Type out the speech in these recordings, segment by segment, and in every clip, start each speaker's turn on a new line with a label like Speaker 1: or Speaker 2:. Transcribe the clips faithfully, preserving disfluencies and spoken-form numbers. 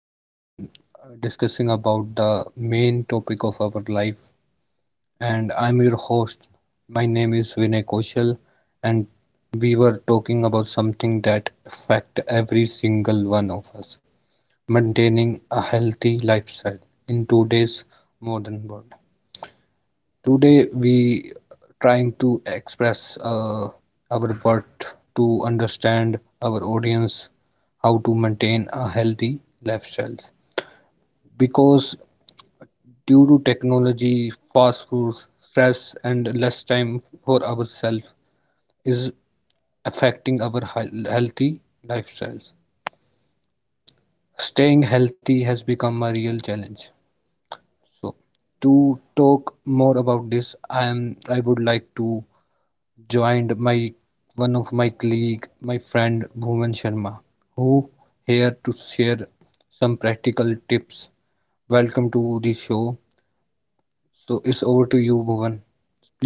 Speaker 1: Today, I am discussing about the main topic of our life, and I'm your host. My name is Vinay Koshal, and we were talking about something that affect every single one of us: maintaining a healthy lifestyle in today's modern world. Today we trying to express uh, our worth to understand our audience how to maintain a healthy lifestyle because due to technology fast food stress and less time for ourselves is affecting our hea- healthy lifestyles. Staying healthy has become a real challenge. So to talk more about this i am I would like to joined my one of my colleague, my friend Bhuvan Sharma, who here to share some practical tips. Welcome to the show. So it's over to you, Bhuvan.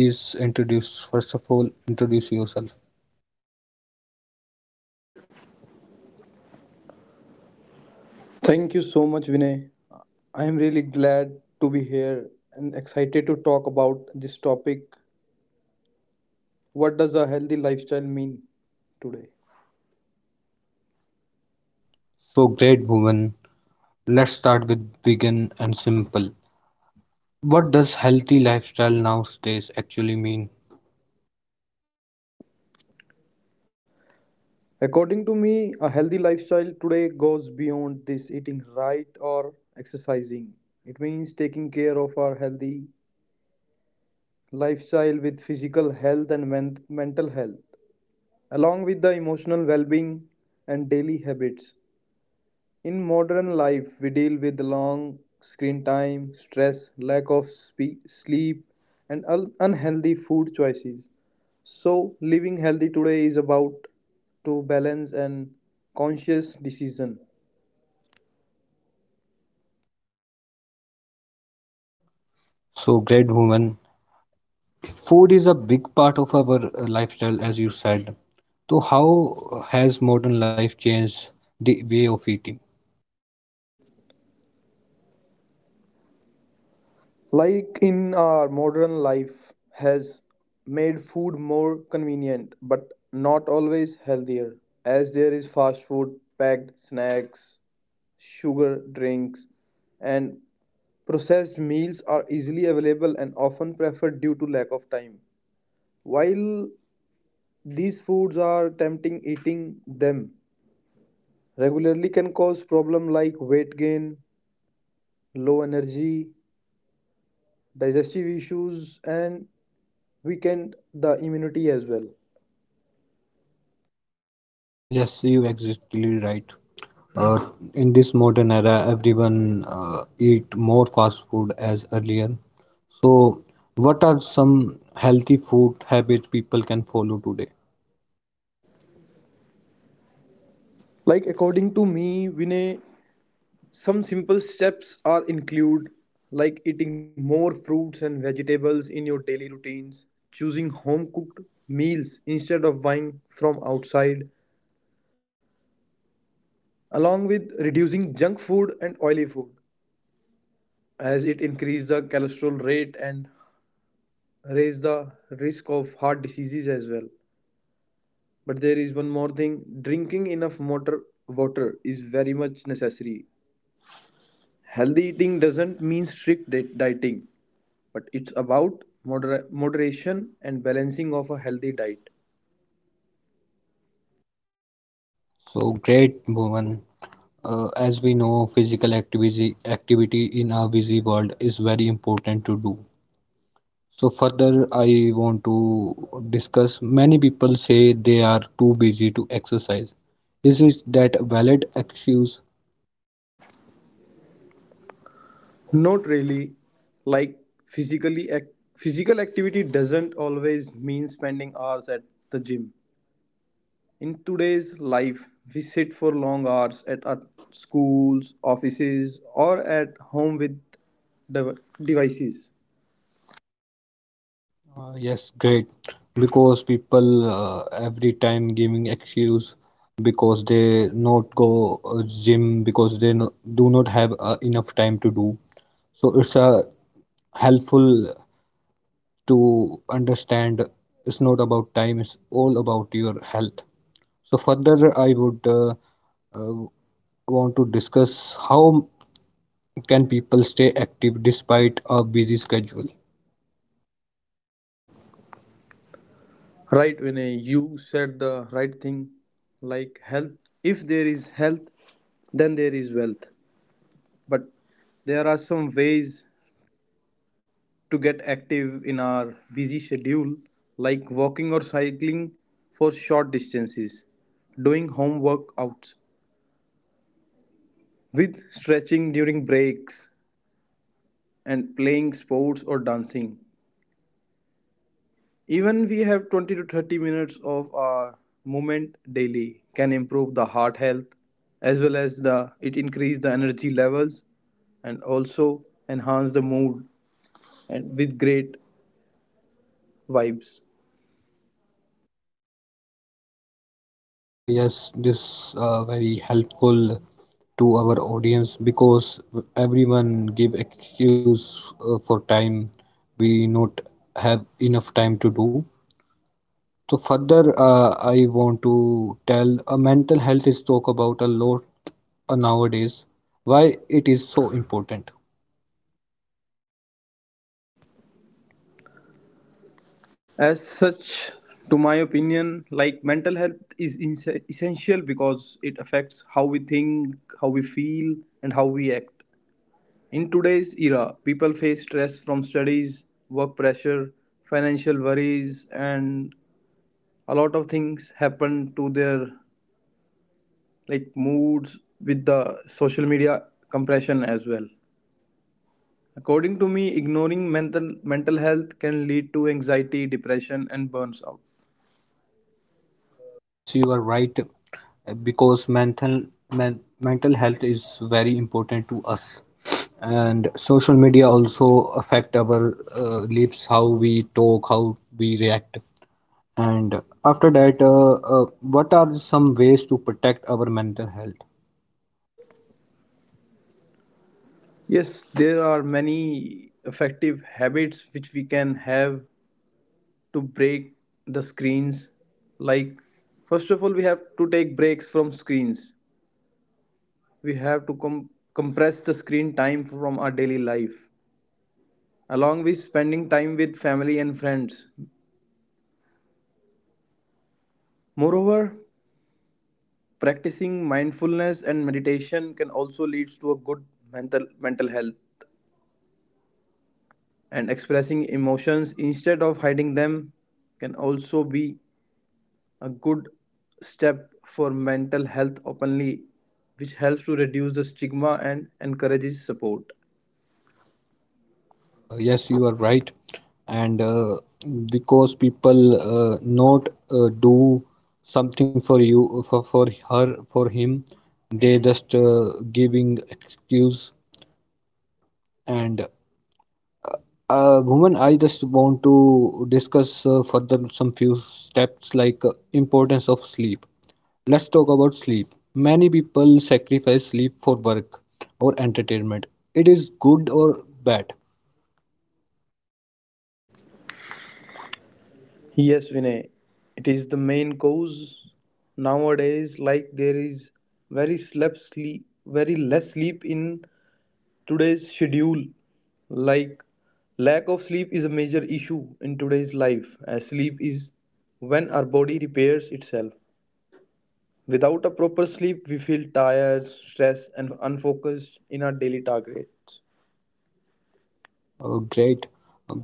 Speaker 1: Please introduce, first of all, introduce yourself.
Speaker 2: Thank you so much, Vinay. I am really glad to be here and excited to talk about this topic. What does a healthy lifestyle mean today?
Speaker 1: So great, Bhuvan. Let's start with begin and simple. What does healthy lifestyle nowadays actually mean?
Speaker 2: According to me, a healthy lifestyle today goes beyond this eating right or exercising. It means taking care of our healthy lifestyle with physical health and men- mental health, along with the emotional well being and daily habits. In modern life, we deal with long screen time, stress, lack of spe- sleep, and un- unhealthy food choices. So, living healthy today is about to balance and conscious decision.
Speaker 1: So great, Bhuvan. Food is a big part of our uh, lifestyle, as you said. So, how has modern life changed the way of eating?
Speaker 2: Like in our modern life has made food more convenient but not always healthier, as there is fast food, packed snacks, sugar drinks, and processed meals are easily available and often preferred due to lack of time. While these foods are tempting, eating them regularly can cause problem like weight gain, low energy, digestive issues, and weaken the immunity as well.
Speaker 1: Yes, you exactly right. Uh, in this modern era, everyone uh, eat more fast food as earlier. So, what are some healthy food habits people can follow today?
Speaker 2: Like according to me, Vinay, some simple steps are include, like eating more fruits and vegetables in your daily routines, choosing home cooked meals instead of buying from outside, along with reducing junk food and oily food, as it increase the cholesterol rate and raise the risk of heart diseases as well. But there is one more thing, drinking enough water. Water is very much necessary. Healthy eating doesn't mean strict di- dieting, but it's about moder- moderation and balancing of a healthy diet.
Speaker 1: So great, Bhuvan. Uh, as we know, physical activity activity in our busy world is very important to do. So further I want to discuss, many people say they are too busy to exercise, is it that a valid excuse?
Speaker 2: Not really, like physically ac- physical activity doesn't always mean spending hours at the gym. In today's life, we sit for long hours at our schools, offices, or at home with dev- devices.
Speaker 1: Uh, yes, great, because people uh, every time giving excuse because they not go uh, gym because they no, do not have uh, enough time to do. So it's uh, helpful to understand, it's not about time, it's all about your health. So further, I would uh, uh, want to discuss how can people stay active despite a busy schedule.
Speaker 2: Right, Vinay, you said the right thing, like health. If there is health, then there is wealth. But there are some ways to get active in our busy schedule, like walking or cycling for short distances, doing home workouts, with stretching during breaks, and playing sports or dancing. Even we have twenty to thirty minutes of our movement daily can improve the heart health, as well as the it increase the energy levels and also enhance the mood and with great vibes.
Speaker 1: Uh, yes, this uh, very helpful to our audience because everyone give excuse uh, for time, we not have enough time to do. So further, uh, I want to tell, uh, mental health is talk about a lot uh, nowadays. Why it is so important?
Speaker 2: As such, to my opinion, like mental health is ins- essential because it affects how we think, how we feel, and how we act. In today's era, people face stress from studies, work pressure, financial worries, and a lot of things happen to their like moods with the social media compression as well. According to me, ignoring mental mental health can lead to anxiety, depression, and burns out.
Speaker 1: Uh, yes, you are right, because mental men, mental health is very important to us, and social media also affect our uh, lives, how we talk, how we react, and after that, uh, uh, what are some ways to protect our mental health?
Speaker 2: Yes, there are many effective habits which we can have to break the screens. Like first of all, we have to take breaks from screens. We have to com- compress the screen time from our daily life, along with spending time with family and friends. Moreover, practicing mindfulness and meditation can also lead to a good mental mental health, and expressing emotions instead of hiding them can also be a good step for mental health openly, which helps to reduce the stigma and encourages support.
Speaker 1: Uh, yes, you are right. And uh, because people uh, not uh, do something for you, for, for her, for him, they just uh, giving excuse. And uh, woman, I just want to discuss uh, further some few steps like uh, importance of sleep. Let's talk about sleep. Many people sacrifice sleep for work or entertainment. It is good or bad?
Speaker 2: Yes, Vinay, it is the main cause nowadays. Like there is very slept sleep, very less sleep in today's schedule. Like lack of sleep is a major issue in today's life, as sleep is when our body repairs itself. Without a proper sleep, we feel tired, stressed, and unfocused in our daily targets.
Speaker 1: Uh, great,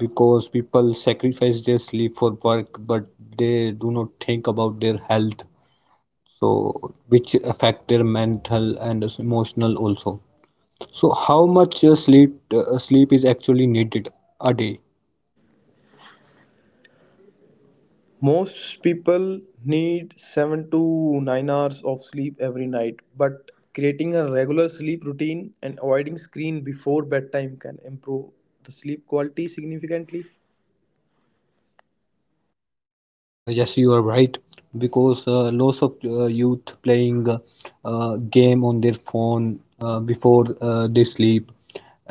Speaker 1: because people sacrifice their sleep for work but they do not think about their health, so which affect their mental and emotional also. So how much uh, sleep uh, sleep is actually needed a day?
Speaker 2: Most people need seven to nine hours of sleep every night, but creating a regular sleep routine and avoiding screen before bedtime can improve the sleep quality significantly.
Speaker 1: Uh, yes, you are right, because uh, lots of uh, youth playing uh, uh, game on their phone uh, before uh, they sleep,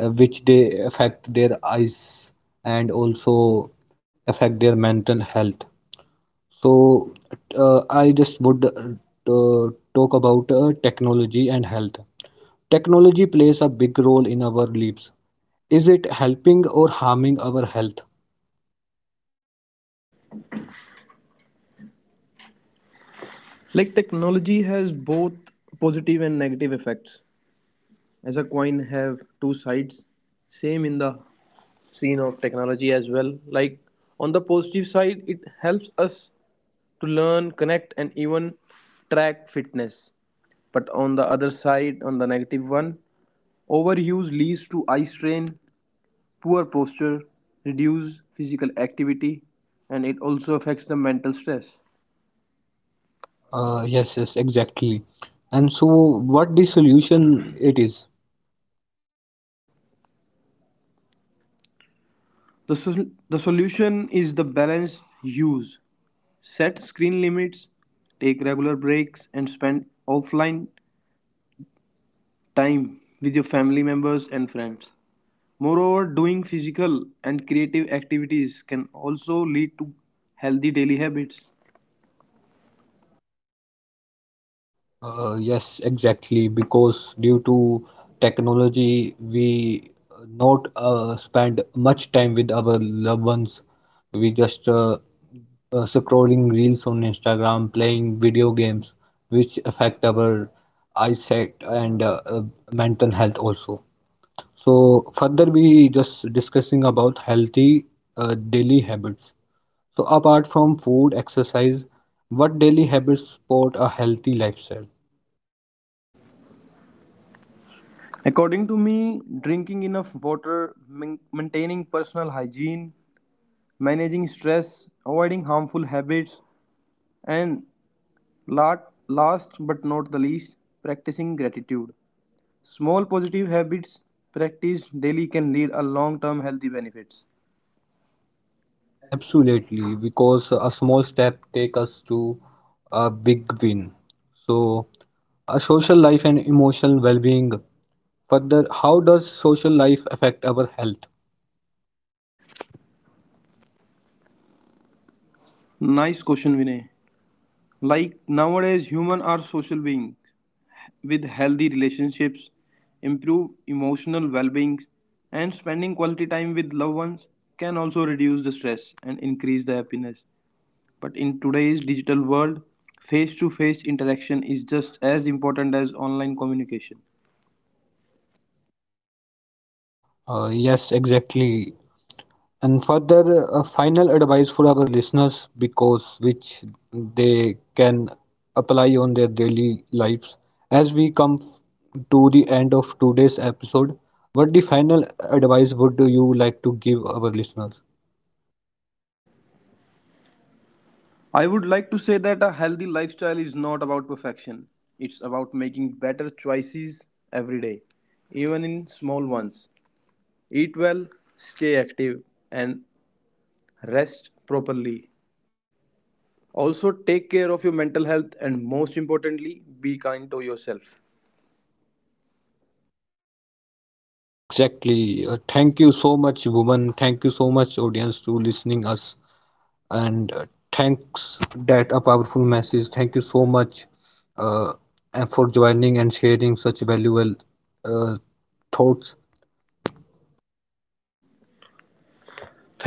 Speaker 1: uh, which they affect their eyes and also affect their mental health. So uh, I just would uh, talk about uh, technology and health. Technology plays a big role in our lives. Is it helping or harming our health?
Speaker 2: Like technology has both positive and negative effects. As a coin have two sides. Same in the scene of technology as well. Like on the positive side, it helps us to learn, connect, and even track fitness. But on the other side, on the negative one, overuse leads to eye strain, poor posture, reduced physical activity, and it also affects the mental stress.
Speaker 1: Uh, yes, yes, exactly. And so, what the solution it is?
Speaker 2: The, sol- the solution is the balanced use. Set screen limits, take regular breaks, and spend offline time with your family members and friends. Moreover, doing physical and creative activities can also lead to healthy daily habits.
Speaker 1: Uh, yes, exactly. Because due to technology, we uh, not uh, spend much time with our loved ones. We just uh, uh, scrolling reels on Instagram, playing video games, which affect our eyesight and uh, uh, mental health also. So further, we just discussing about healthy uh, daily habits. So apart from food, exercise, what daily habits support a healthy lifestyle?
Speaker 2: According to me, drinking enough water, maintaining personal hygiene, managing stress, avoiding harmful habits, and last but not the least, practicing gratitude. Small positive habits practiced daily can lead a long-term healthy benefits.
Speaker 1: Absolutely, because a small step take us to a big win. So, a social life and emotional well-being. Further, how does social life affect our health?
Speaker 2: Nice question, Vinay. Like nowadays, humans are social beings with healthy relationships, improved emotional well-being, and spending quality time with loved ones can also reduce the stress and increase the happiness. But in today's digital world, face-to-face interaction is just as important as online communication.
Speaker 1: Uh, yes, exactly. And further, a final advice for our listeners because which they can apply on their daily lives. As we come f- to the end of today's episode, what the final advice would you like to give our listeners?
Speaker 2: I would like to say that a healthy lifestyle is not about perfection. It's about making better choices every day, even in small ones. Eat well, stay active, and rest properly. Also, take care of your mental health and most importantly, be kind to yourself.
Speaker 1: Exactly. Uh, thank you so much, woman. Thank you so much, audience, to listening us. And uh, thanks that a powerful message. Thank you so much, uh, and for joining and sharing such valuable uh, thoughts.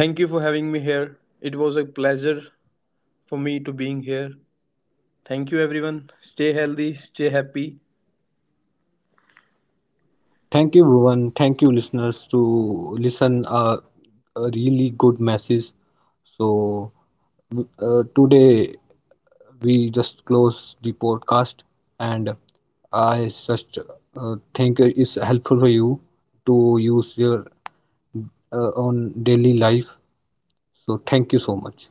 Speaker 2: Thank you for having me here. It was a pleasure for me to being here. Thank you everyone. Stay healthy, stay happy,
Speaker 1: Thank you, woman. Thank you, listeners, to listen uh, a really good message. So uh, today we just close the podcast and I just uh, think it's helpful for you to use your uh, own daily life. So thank you so much.